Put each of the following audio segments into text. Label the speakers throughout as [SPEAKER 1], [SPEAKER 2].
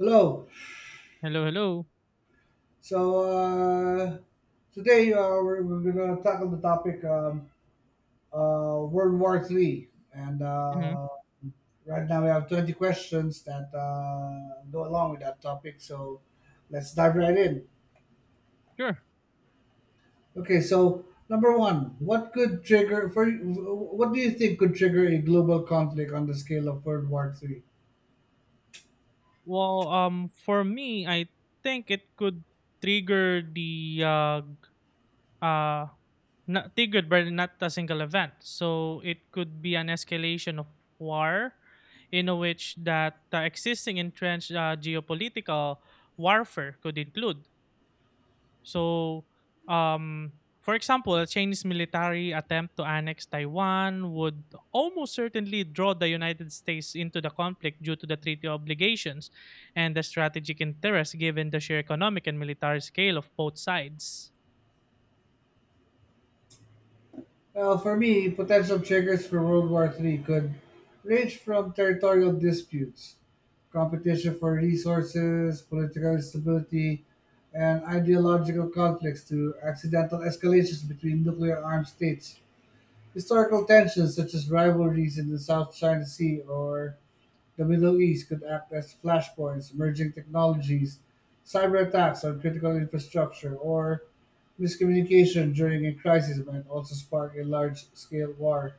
[SPEAKER 1] Hello.
[SPEAKER 2] Hello, hello.
[SPEAKER 1] So today we're gonna tackle the topic World War Three, and
[SPEAKER 2] Hmm.
[SPEAKER 1] right now we have 20 questions that go along with that topic. So let's dive right in.
[SPEAKER 2] Sure.
[SPEAKER 1] Okay. So number one, what do you think could trigger a global conflict on the scale of World War Three?
[SPEAKER 2] For me, I think it could trigger the uh, not triggered, by not a single event. So it could be an escalation of war, in which that existing entrenched geopolitical warfare could include. So, um, for example, a Chinese military attempt to annex Taiwan would almost certainly draw the United States into the conflict due to the treaty obligations and the strategic interest given the sheer economic and military scale of both sides.
[SPEAKER 1] Well, for me, potential triggers for World War III could range from territorial disputes, competition for resources, political instability, and ideological conflicts to accidental escalations between nuclear armed states, historical tensions such as rivalries in the South China Sea or the Middle East could act as flashpoints. Emerging technologies, cyber attacks on critical infrastructure, or miscommunication during a crisis might also spark a large scale war.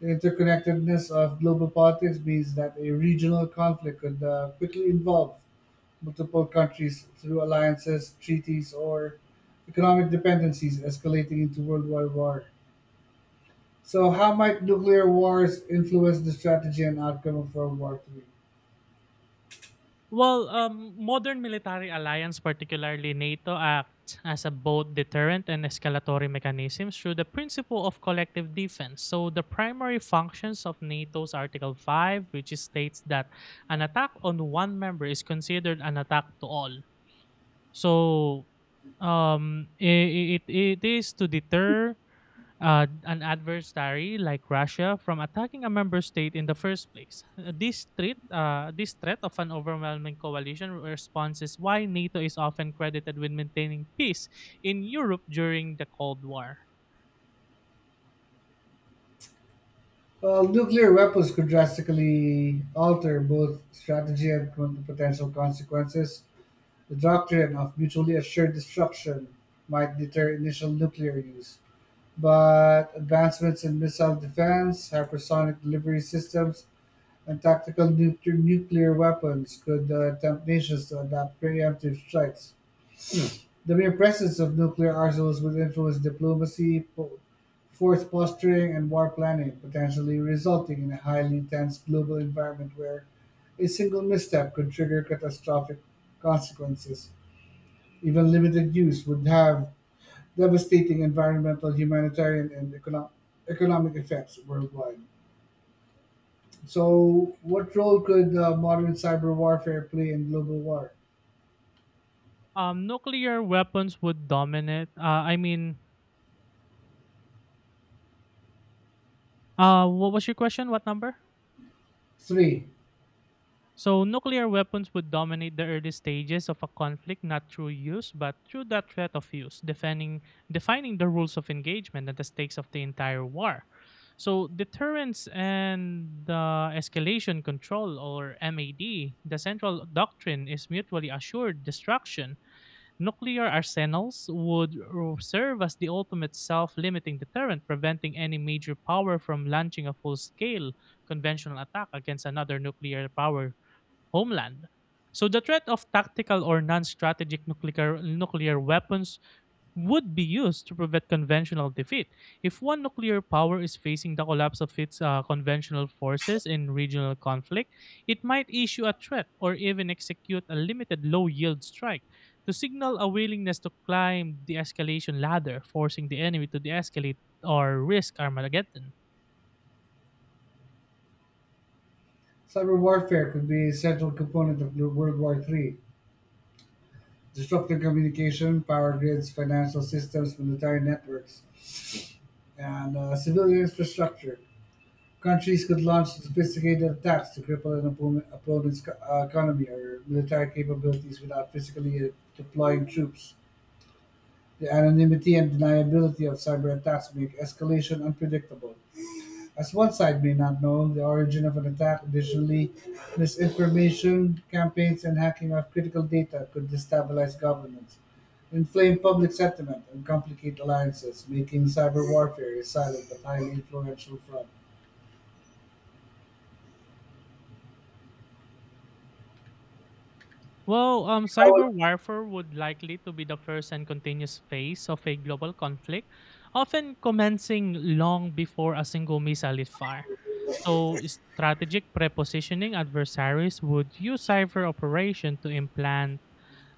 [SPEAKER 1] The interconnectedness of global politics means that a regional conflict could quickly involve multiple countries through alliances, treaties, or economic dependencies, escalating into worldwide war. So, how might nuclear wars influence the strategy and outcome of World War III?
[SPEAKER 2] Modern military alliance, particularly NATO, act as a both deterrent and escalatory mechanisms through the principle of collective defense. So, the primary functions of NATO's Article Five, which states that an attack on one member is considered an attack to all. So, it is to deter an adversary like Russia from attacking a member state in the first place. This threat of an overwhelming coalition response is why NATO is often credited with maintaining peace in Europe during the Cold War.
[SPEAKER 1] Well, nuclear weapons could drastically alter both strategy and potential consequences. The doctrine of mutually assured destruction might deter initial nuclear use, but advancements in missile defense, hypersonic delivery systems, and tactical nuclear weapons could tempt nations to adopt preemptive strikes. The mere presence of nuclear arsenals would influence diplomacy, force posturing, and war planning, potentially resulting in a highly tense global environment where a single misstep could trigger catastrophic consequences. Even limited use would have devastating environmental, humanitarian, and economic effects worldwide. So, what role could modern cyber warfare play in global war?
[SPEAKER 2] Nuclear weapons would dominate. What was your question? What number?
[SPEAKER 1] Three.
[SPEAKER 2] So nuclear weapons would dominate the early stages of a conflict not through use but through the threat of use, defining the rules of engagement and the stakes of the entire war. So deterrence and escalation control or MAD, the central doctrine is mutually assured destruction. Nuclear arsenals would serve as the ultimate self-limiting deterrent, preventing any major power from launching a full-scale conventional attack against another nuclear power homeland. So the threat of tactical or non-strategic nuclear weapons would be used to prevent conventional defeat. If one nuclear power is facing the collapse of its conventional forces in regional conflict, it might issue a threat or even execute a limited low-yield strike to signal a willingness to climb the escalation ladder, forcing the enemy to de-escalate or risk Armageddon.
[SPEAKER 1] Cyber warfare could be a central component of World War Three, disrupting communication, power grids, financial systems, military networks, and civilian infrastructure. Countries could launch sophisticated attacks to cripple an opponent's economy or military capabilities without physically deploying troops. The anonymity and deniability of cyber attacks make escalation unpredictable, as one side may not know the origin of an attack. Additionally, misinformation campaigns and hacking of critical data could destabilize governments, inflame public sentiment, and complicate alliances, making cyber warfare a silent but highly influential front.
[SPEAKER 2] Cyber warfare would likely to be the first and continuous phase of a global conflict, often commencing long before a single missile is fired. So, strategic prepositioning adversaries would use cyber operation to implant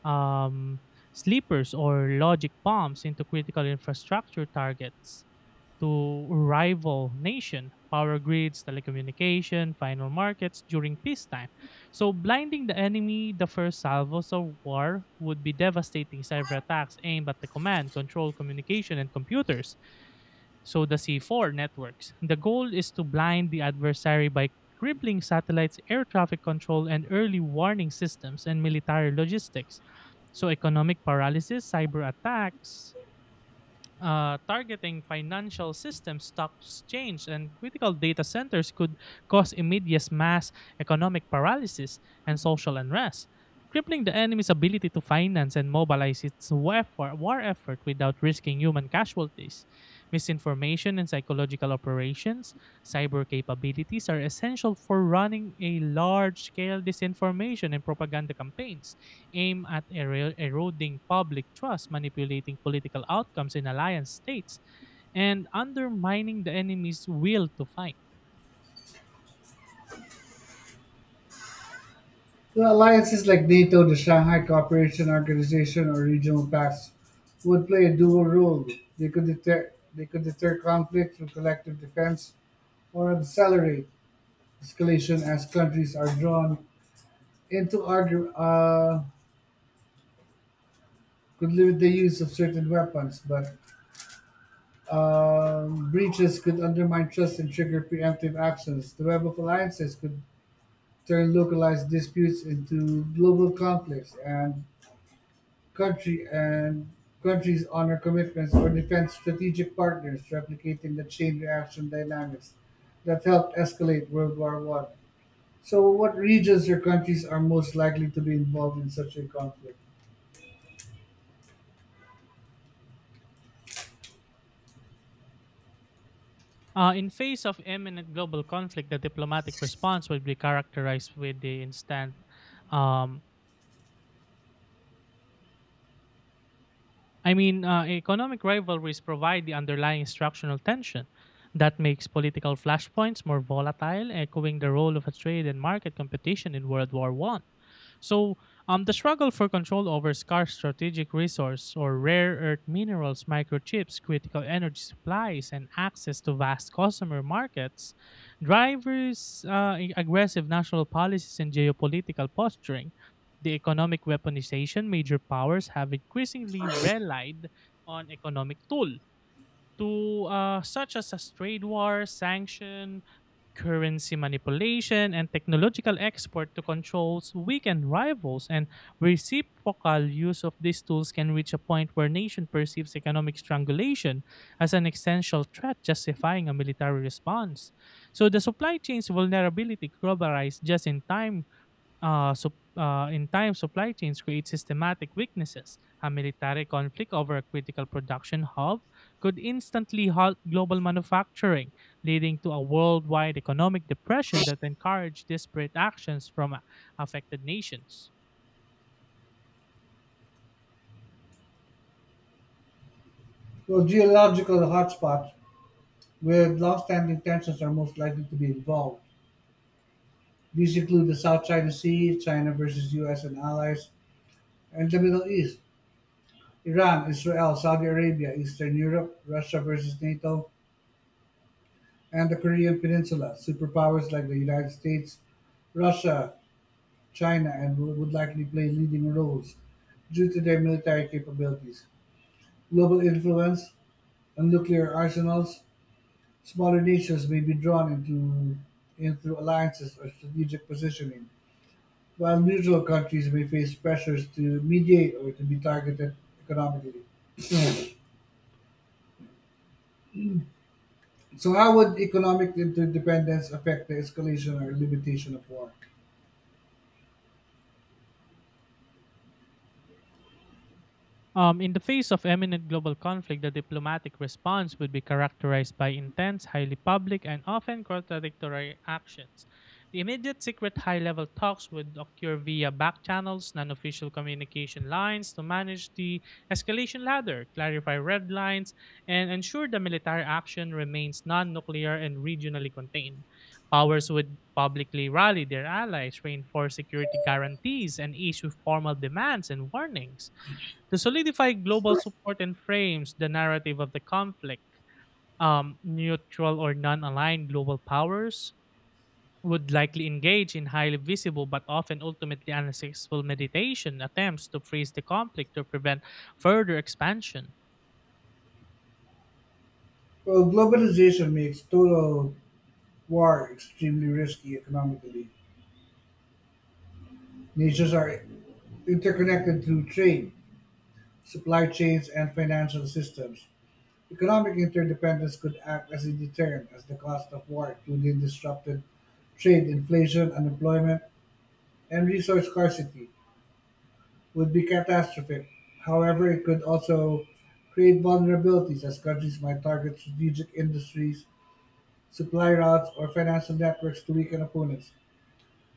[SPEAKER 2] um, sleepers or logic bombs into critical infrastructure targets to rival nation power grids telecommunication final markets during peacetime. So blinding the enemy, the first salvos of war would be devastating cyber attacks aimed at the command control communication and computers, so the C4 networks. The goal is to blind the adversary by crippling satellites, air traffic control and early warning systems, and military logistics. So economic paralysis cyber attacks targeting financial systems, stock exchange, and critical data centers could cause immediate mass economic paralysis and social unrest, crippling the enemy's ability to finance and mobilize its war effort without risking human casualties. Misinformation and psychological operations, cyber capabilities are essential for running a large scale disinformation and propaganda campaigns aim at eroding public trust, manipulating political outcomes in alliance states, and undermining the enemy's will to fight.
[SPEAKER 1] The alliances like NATO, the Shanghai Cooperation Organization, or regional pacts would play a dual role. They could deter conflict through collective defense or accelerate escalation as countries are drawn and to order, could limit the use of certain weapons, but breaches could undermine trust and trigger preemptive actions. The web of alliances could turn localized disputes into global conflicts, and country and countries honor commitments or defend strategic partners, replicating the chain reaction dynamics that helped escalate World War One. So, what regions or countries are most likely to be involved in such a conflict?
[SPEAKER 2] In face of imminent global conflict, the diplomatic response would be characterized with the instant um, economic rivalries provide the underlying structural tension that makes political flashpoints more volatile, echoing the role of a trade and market competition in World War One. So, the struggle for control over scarce strategic resource or rare earth minerals, microchips, critical energy supplies, and access to vast customer markets, drivers aggressive national policies and geopolitical posturing. The economic weaponization major powers have increasingly relied on economic tool to such as, a trade war, sanction, currency manipulation, and technological export to controls weaken rivals. And reciprocal use of these tools can reach a point where nation perceives economic strangulation as an essential threat justifying a military response. So the supply chain's vulnerability globalized just in time sup- in time, supply chains create systematic weaknesses. A military conflict over a critical production hub could instantly halt global manufacturing, leading to a worldwide economic depression that encouraged disparate actions from affected nations.
[SPEAKER 1] Well, geological hotspots with long-standing tensions are most likely to be involved. These include the South China Sea, China versus US and allies, and the Middle East, Iran, Israel, Saudi Arabia, Eastern Europe, Russia versus NATO, and the Korean Peninsula. Superpowers like the United States, Russia, China, and would likely play leading roles due to their military capabilities, global influence, and nuclear arsenals. Smaller nations may be drawn into alliances or strategic positioning, while neutral countries may face pressures to mediate or to be targeted economically. So, how would economic interdependence affect the escalation or limitation of war?
[SPEAKER 2] In the face of imminent global conflict, the diplomatic response would be characterized by intense, highly public, and often contradictory actions. The immediate secret high level talks would occur via back channels, non official communication lines to manage the escalation ladder, clarify red lines, and ensure the military action remains non nuclear and regionally contained. Powers would publicly rally their allies, reinforce security guarantees, and issue formal demands and warnings to solidify global support and frames the narrative of the conflict. Neutral or non aligned global powers would likely engage in highly visible but often ultimately unsuccessful mediation attempts to freeze the conflict to prevent further expansion.
[SPEAKER 1] Well, globalization makes total war extremely risky economically. Nations are interconnected through trade, supply chains, and financial systems. Economic interdependence could act as a deterrent, as the cost of war, including disrupted trade, inflation, unemployment, and resource scarcity, would be catastrophic. However, it could also create vulnerabilities, as countries might target strategic industries, supply routes, or financial networks to weaken opponents,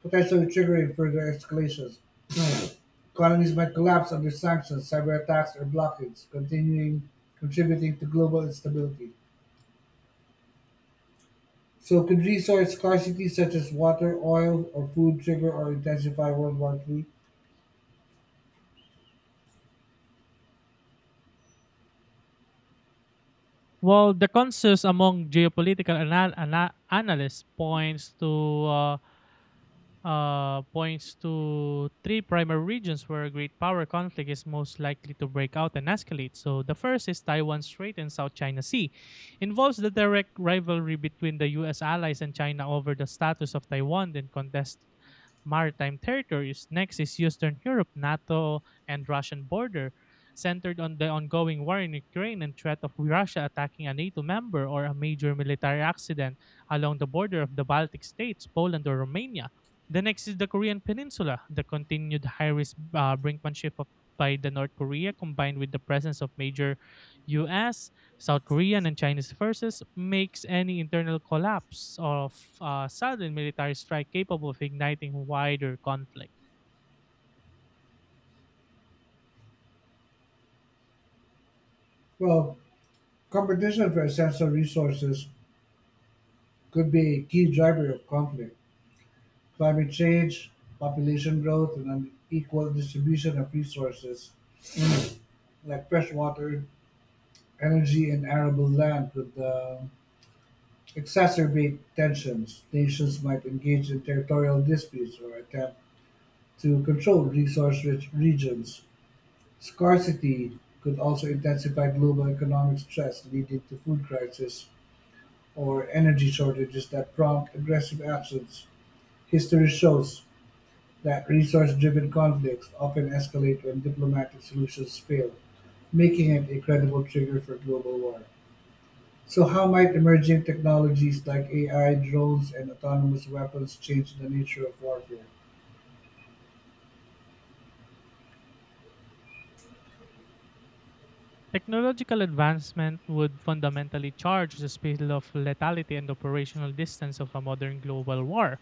[SPEAKER 1] potentially triggering further escalations. Economies might collapse under sanctions, cyber attacks, or blockades, continuing contributing to global instability. So, could resource scarcity such as water, oil, or food trigger or intensify World War Three?
[SPEAKER 2] Well, the consensus among geopolitical analysts points to three primary regions where a great power conflict is most likely to break out and escalate. So the first is Taiwan Strait and South China Sea, involves the direct rivalry between the U.S. allies and China over the status of Taiwan and contest maritime territories. Next is Eastern Europe, NATO, and Russian border, centered on the ongoing war in Ukraine and threat of Russia attacking a NATO member or a major military accident along the border of the Baltic states, Poland, or Romania. The next is the Korean Peninsula. The continued high risk brinkmanship by the North Korea, combined with the presence of major U.S., South Korean, and Chinese forces, makes any internal collapse of sudden military strike capable of igniting wider conflict.
[SPEAKER 1] Well, competition for essential resources could be a key driver of conflict. Climate change, population growth, and unequal distribution of resources like fresh water, energy, and arable land could exacerbate tensions. Nations might engage in territorial disputes or attempt to control resource rich regions. Scarcity could also intensify global economic stress, leading to food crisis or energy shortages that prompt aggressive actions. History shows that resource-driven conflicts often escalate when diplomatic solutions fail, making it a credible trigger for global war. So how might emerging technologies like AI, drones, and autonomous weapons change the nature of warfare?
[SPEAKER 2] Technological advancement would fundamentally charge the speed of lethality and operational distance of a modern global war.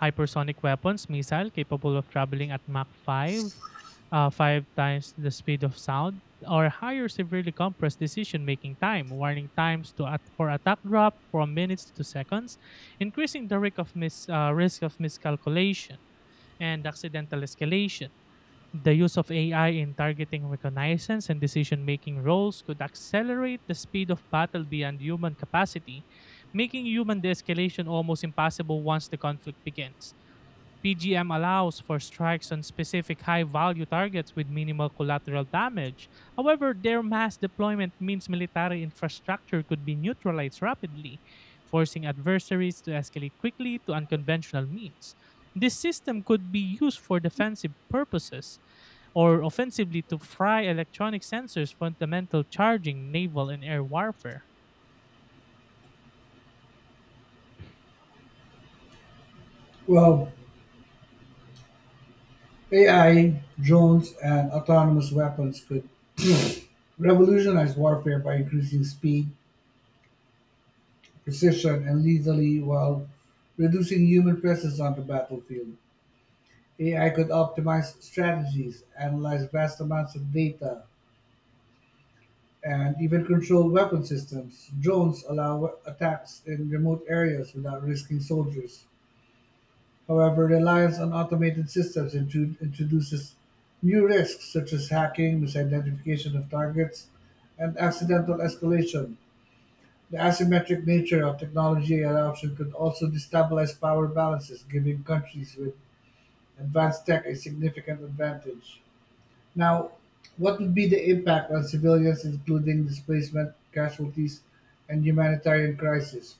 [SPEAKER 2] Hypersonic weapons missile capable of traveling at Mach 5, five times the speed of sound, or higher severely compressed decision-making time, warning times to for attack drop from minutes to seconds, increasing the risk of miscalculation and accidental escalation. The use of AI in targeting reconnaissance and decision making roles could accelerate the speed of battle beyond human capacity, making human de escalation almost impossible once the conflict begins. PGM allows for strikes on specific high value targets with minimal collateral damage. However, their mass deployment means military infrastructure could be neutralized rapidly, forcing adversaries to escalate quickly to unconventional means. This system could be used for defensive purposes or offensively to fry electronic sensors fundamental charging naval and air warfare.
[SPEAKER 1] Well, AI, drones, and autonomous weapons could revolutionize warfare by increasing speed, precision, and lethality while reducing human presence on the battlefield. AI could optimize strategies, analyze vast amounts of data, and even control weapon systems. Drones allow attacks in remote areas without risking soldiers. However, reliance on automated systems introduces new risks such as hacking, misidentification of targets, and accidental escalation. The asymmetric nature of technology adoption could also destabilize power balances, giving countries with advanced tech a significant advantage. Now, what would be the impact on civilians, including displacement, casualties, and humanitarian crisis?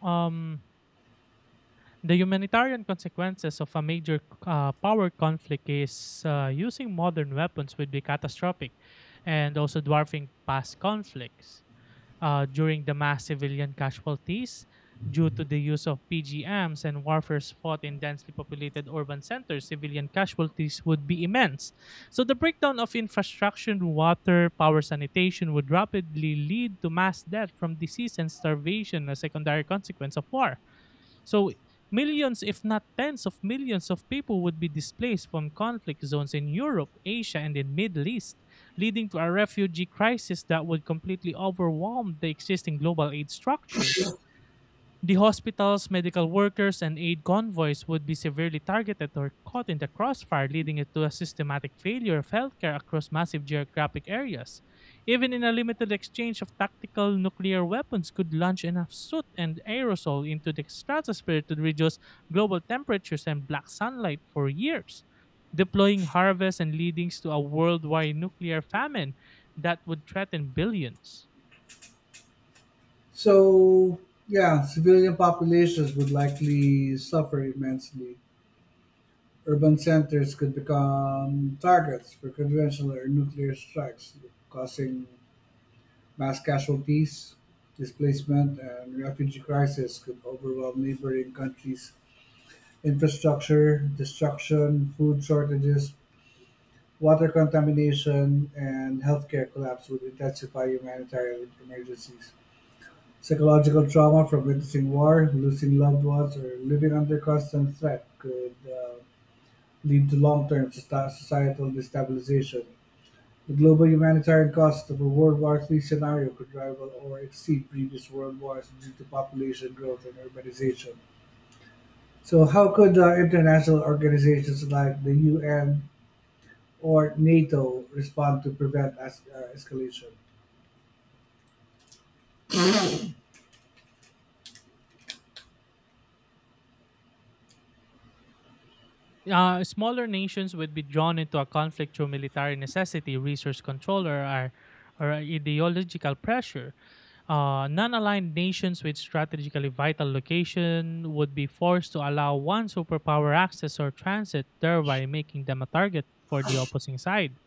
[SPEAKER 2] Um, the humanitarian consequences of a major power conflict is using modern weapons would be catastrophic and also dwarfing past conflicts. During the mass civilian casualties due to the use of PGMs and warfares fought in densely populated urban centers, civilian casualties would be immense. So the breakdown of infrastructure, water, power, sanitation would rapidly lead to mass death from disease and starvation, a secondary consequence of war. So millions, if not tens of millions of people would be displaced from conflict zones in Europe, Asia, and the Middle East, leading to a refugee crisis that would completely overwhelm the existing global aid structure. The hospitals, medical workers, and aid convoys would be severely targeted or caught in the crossfire, leading it to a systematic failure of healthcare across massive geographic areas. Even in a limited exchange of tactical nuclear weapons could launch enough soot and aerosol into the stratosphere to reduce global temperatures and black sunlight for years, deploying harvests and leadings to a worldwide nuclear famine that would threaten billions.
[SPEAKER 1] So, yeah, civilian populations would likely suffer immensely. Urban centers could become targets for conventional or nuclear strikes, causing mass casualties, displacement, and refugee crisis could overwhelm neighboring countries' infrastructure. Destruction, food shortages, water contamination, and healthcare collapse would intensify humanitarian emergencies. Psychological trauma from witnessing war, losing loved ones, or living under constant threat could lead to long term societal destabilization. The global humanitarian cost of a World War Three scenario could rival or exceed previous world wars due to population growth and urbanization. So, how could international organizations like the UN or NATO respond to prevent escalation?
[SPEAKER 2] Smaller nations would be drawn into a conflict through military necessity, resource control, or ideological pressure. Non-aligned nations with strategically vital location would be forced to allow one superpower access or transit, thereby making them a target for the opposing side.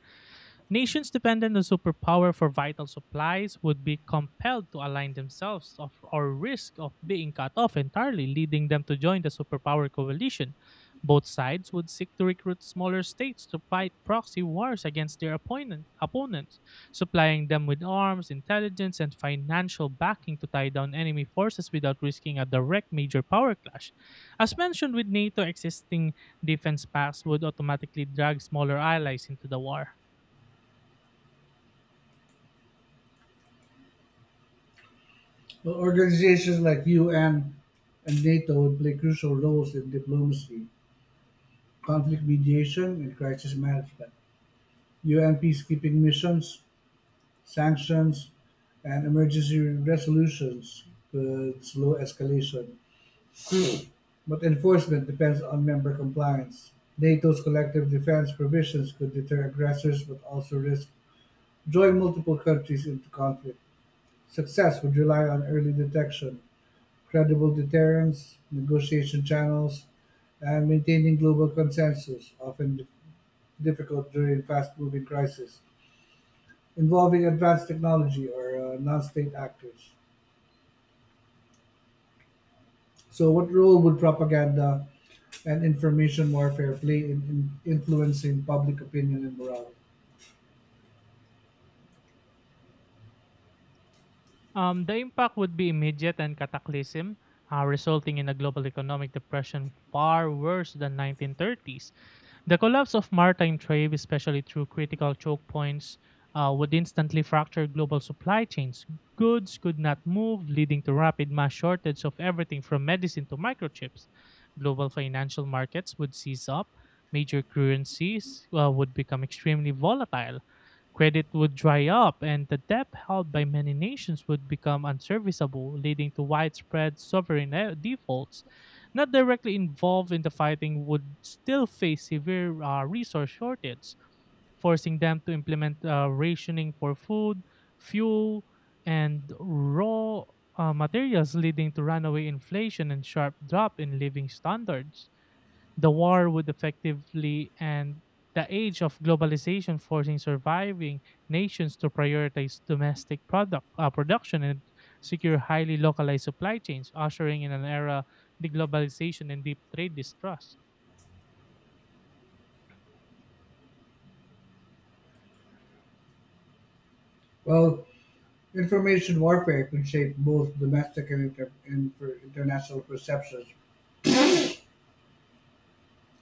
[SPEAKER 2] Nations dependent on superpower for vital supplies would be compelled to align themselves of, or risk of being cut off entirely, leading them to join the superpower coalition. Both sides would seek to recruit smaller states to fight proxy wars against their opponents, supplying them with arms, intelligence, and financial backing to tie down enemy forces without risking a direct major power clash. As mentioned with NATO, existing defense pacts would automatically drag smaller allies into the war.
[SPEAKER 1] Well, organizations like UN and NATO would play crucial roles in diplomacy, conflict mediation, and crisis management. UN peacekeeping missions, sanctions, and emergency resolutions could slow escalation, but enforcement depends on member compliance. NATO's collective defense provisions could deter aggressors but also risk drawing multiple countries into conflict. Success would rely on early detection, credible deterrence, negotiation channels, and maintaining global consensus, often difficult during fast-moving crises involving advanced technology or non-state actors. So, what role would propaganda and information warfare play in influencing public opinion and morale?
[SPEAKER 2] The impact would be immediate and cataclysm, resulting in a global economic depression far worse than 1930s. The collapse of maritime trade, especially through critical choke points, would instantly fracture global supply chains. Goods could not move, leading to rapid mass shortage of everything from medicine to microchips. Global financial markets would seize up. Major currencies would become extremely volatile. Credit would dry up, and the debt held by many nations would become unserviceable, leading to widespread sovereign defaults. Not directly involved in the fighting would still face severe resource shortage, forcing them to implement rationing for food, fuel, and raw materials, leading to runaway inflation and sharp drop in living standards. The war would effectively end the age of globalization, forcing surviving nations to prioritize domestic production and secure highly localized supply chains, ushering in an era of deglobalization and deep trade distrust.
[SPEAKER 1] Well, information warfare could shape both domestic and inter- and for international perceptions,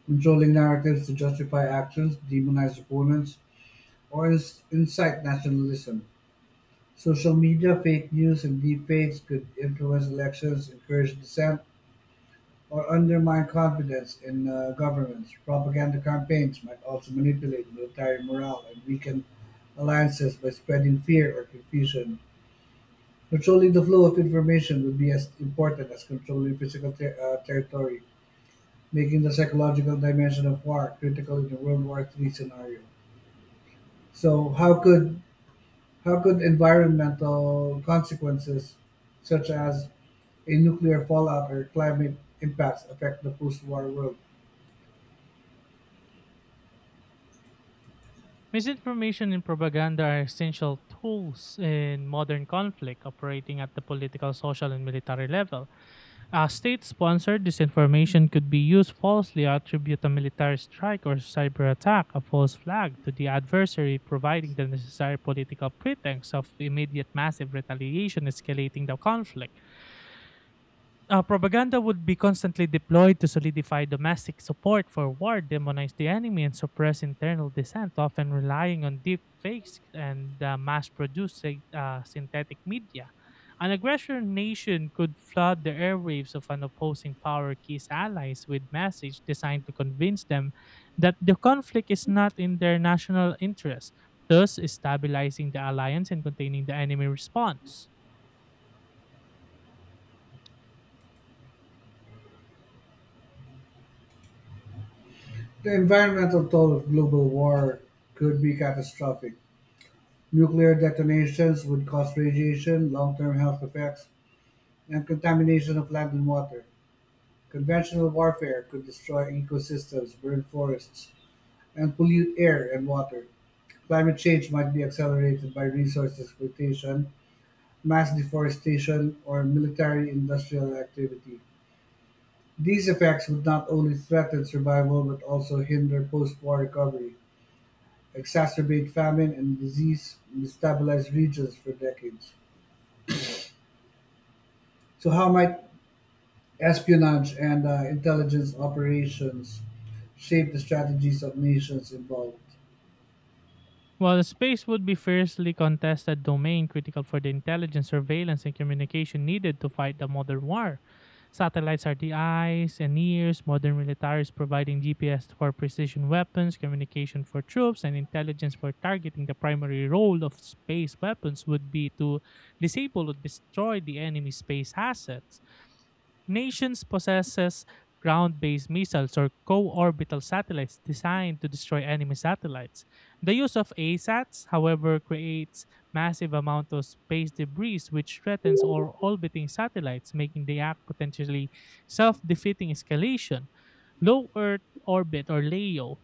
[SPEAKER 1] controlling narratives to justify actions, demonize opponents, or incite nationalism. Social media, fake news, and deepfakes could influence elections, encourage dissent, or undermine confidence in governments. Propaganda campaigns might also manipulate military morale and weaken alliances by spreading fear or confusion. Controlling the flow of information would be as important as controlling physical territory, making the psychological dimension of war critical in a World War Three scenario. So how could environmental consequences, such as a nuclear fallout or climate impacts, affect the post-war world?
[SPEAKER 2] Misinformation and propaganda are essential tools in modern conflict, operating at the political, social, and military level. A state sponsored disinformation could be used falsely attribute a military strike or cyber attack, a false flag, to the adversary, providing the necessary political pretext of immediate massive retaliation, escalating the conflict. Propaganda would be constantly deployed to solidify domestic support for war, demonize the enemy, and suppress internal dissent, often relying on deep fakes and mass produced synthetic media. An aggressor nation could flood the airwaves of an opposing power key's allies with messages designed to convince them that the conflict is not in their national interest, thus stabilizing the alliance and containing the enemy response.
[SPEAKER 1] The environmental toll of global war could be catastrophic. Nuclear detonations would cause radiation, long-term health effects, and contamination of land and water. Conventional warfare could destroy ecosystems, burn forests, and pollute air and water. Climate change might be accelerated by resource exploitation, mass deforestation, or military-industrial activity. These effects would not only threaten survival but also hinder post-war recovery, exacerbate famine and disease, and destabilize regions for decades. So, how might espionage and intelligence operations shape the strategies of nations involved?
[SPEAKER 2] While space would be fiercely contested domain critical for the intelligence, surveillance, and communication needed to fight the modern war. Satellites are the eyes and ears, modern militaries providing GPS for precision weapons, communication for troops, and intelligence for targeting. The primary role of space weapons would be to disable or destroy the enemy space assets. Nations possesses ground-based missiles or co-orbital satellites designed to destroy enemy satellites. The use of ASATs, however, creates massive amount of space debris which threatens all orbiting satellites, making the act potentially self-defeating escalation. Low Earth orbit, or LEO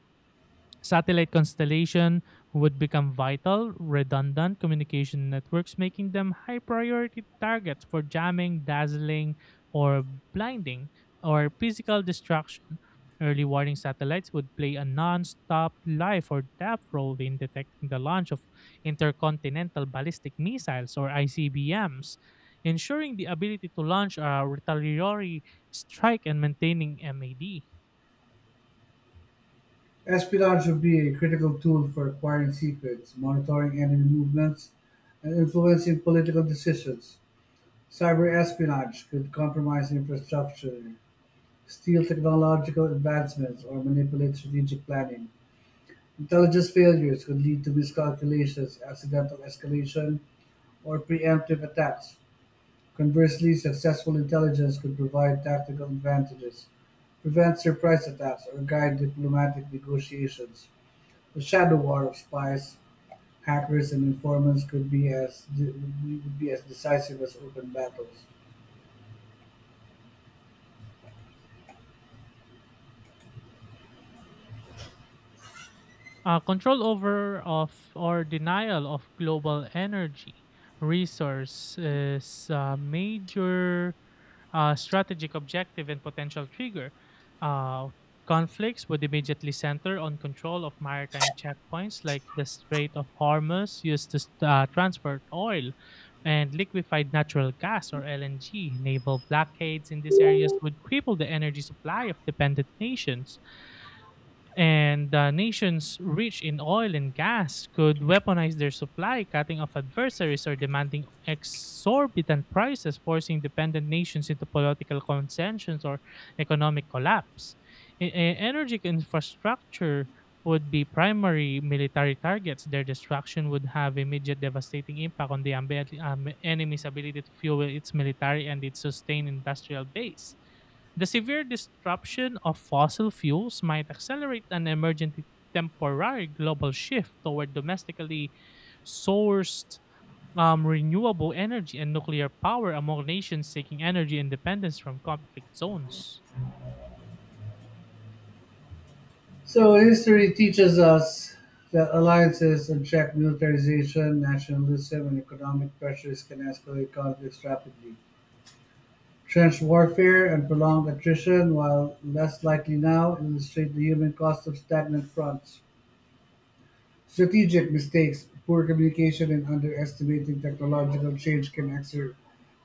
[SPEAKER 2] Satellite constellation, would become vital, redundant communication networks, making them high priority targets for jamming, dazzling, or blinding, or physical destruction. Early warning satellites would play a non stop life or depth role in detecting the launch of intercontinental ballistic missiles, or ICBMs, ensuring the ability to launch a retaliatory strike and maintaining MAD.
[SPEAKER 1] Espionage would be a critical tool for acquiring secrets, monitoring enemy movements, and influencing political decisions. Cyber espionage could compromise infrastructure, steal technological advancements, or manipulate strategic planning. Intelligence failures could lead to miscalculations, accidental escalation, or preemptive attacks. Conversely, successful intelligence could provide tactical advantages, prevent surprise attacks, or guide diplomatic negotiations. The shadow war of spies, hackers, and informants could be as de- would be as decisive as open battles.
[SPEAKER 2] Control over of or denial of global energy resource is a major strategic objective and potential trigger. Uh, Conflicts would immediately center on control of maritime checkpoints like the Strait of Hormuz, used to transport oil and liquefied natural gas, or LNG. Naval blockades in these areas would cripple the energy supply of dependent nations, and nations rich in oil and gas could weaponize their supply, cutting off adversaries or demanding exorbitant prices, forcing dependent nations into political concessions or economic collapse. Energy infrastructure would be primary military targets. Their destruction would have immediate devastating impact on the enemy's ability to fuel its military and its sustained industrial base. The severe disruption of fossil fuels might accelerate an emergent temporary global shift toward domestically sourced renewable energy and nuclear power among nations seeking energy independence from conflict zones.
[SPEAKER 1] So history teaches us that alliances attract militarization, nationalism, and economic pressures can escalate conflicts rapidly. Trench warfare and prolonged attrition, while less likely now, illustrate the human cost of stagnant fronts. Strategic mistakes, poor communication, and underestimating technological change can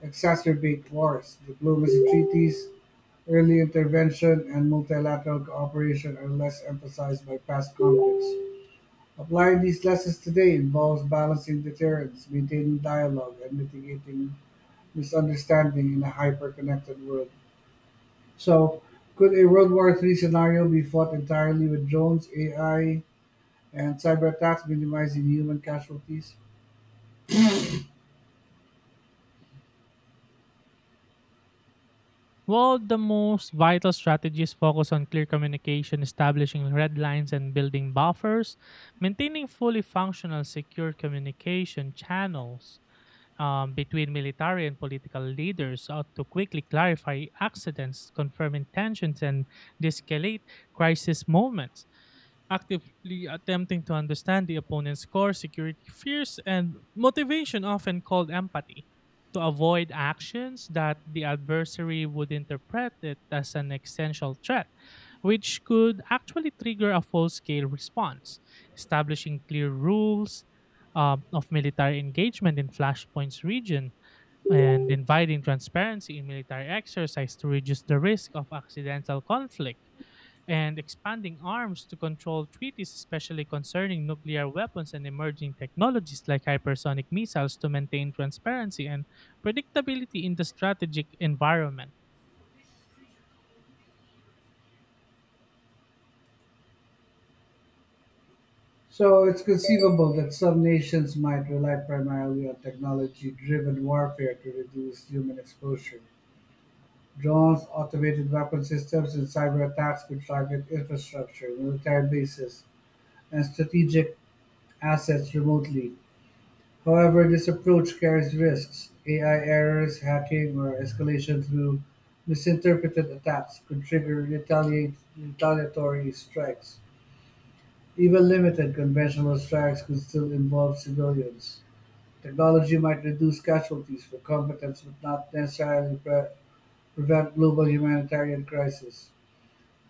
[SPEAKER 1] exacerbate wars. Diplomacy, treaties, early intervention, and multilateral cooperation are less emphasized by past conflicts. Applying these lessons today involves balancing deterrence, maintaining dialogue, and mitigating misunderstanding in a hyper-connected world. So, could a World War III scenario be fought entirely with drones, AI, and cyber attacks, minimizing human casualties?
[SPEAKER 2] While the most vital strategies focus on clear communication, establishing red lines and building buffers, maintaining fully functional secure communication channels between military and political leaders ought to quickly clarify accidents, confirm intentions, and de escalate crisis moments actively attempting to understand the opponent's core security fears and motivation, often called empathy, to avoid actions that the adversary would interpret it as an existential threat, which could actually trigger a full scale response. Establishing clear rules of military engagement in Flashpoint's region and inviting transparency in military exercise to reduce the risk of accidental conflict and expanding arms to control treaties, especially concerning nuclear weapons and emerging technologies like hypersonic missiles, to maintain transparency and predictability in the strategic environment.
[SPEAKER 1] So, it's conceivable that some nations might rely primarily on technology driven warfare to reduce human exposure. Drones, automated weapon systems, and cyber attacks could target infrastructure, military bases, and strategic assets remotely. However, this approach carries risks: AI errors, hacking, or escalation through misinterpreted attacks could trigger retaliatory strikes. Even limited conventional strikes could still involve civilians. Technology might reduce casualties for competence but not necessarily prevent global humanitarian crisis.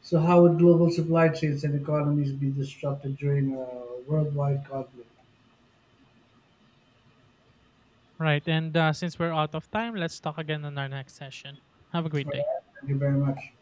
[SPEAKER 1] So, how would global supply chains and economies be disrupted during a worldwide conflict?
[SPEAKER 2] Right, and since we're out of time, let's talk again on our next session. Have a great day.
[SPEAKER 1] Thank you very much.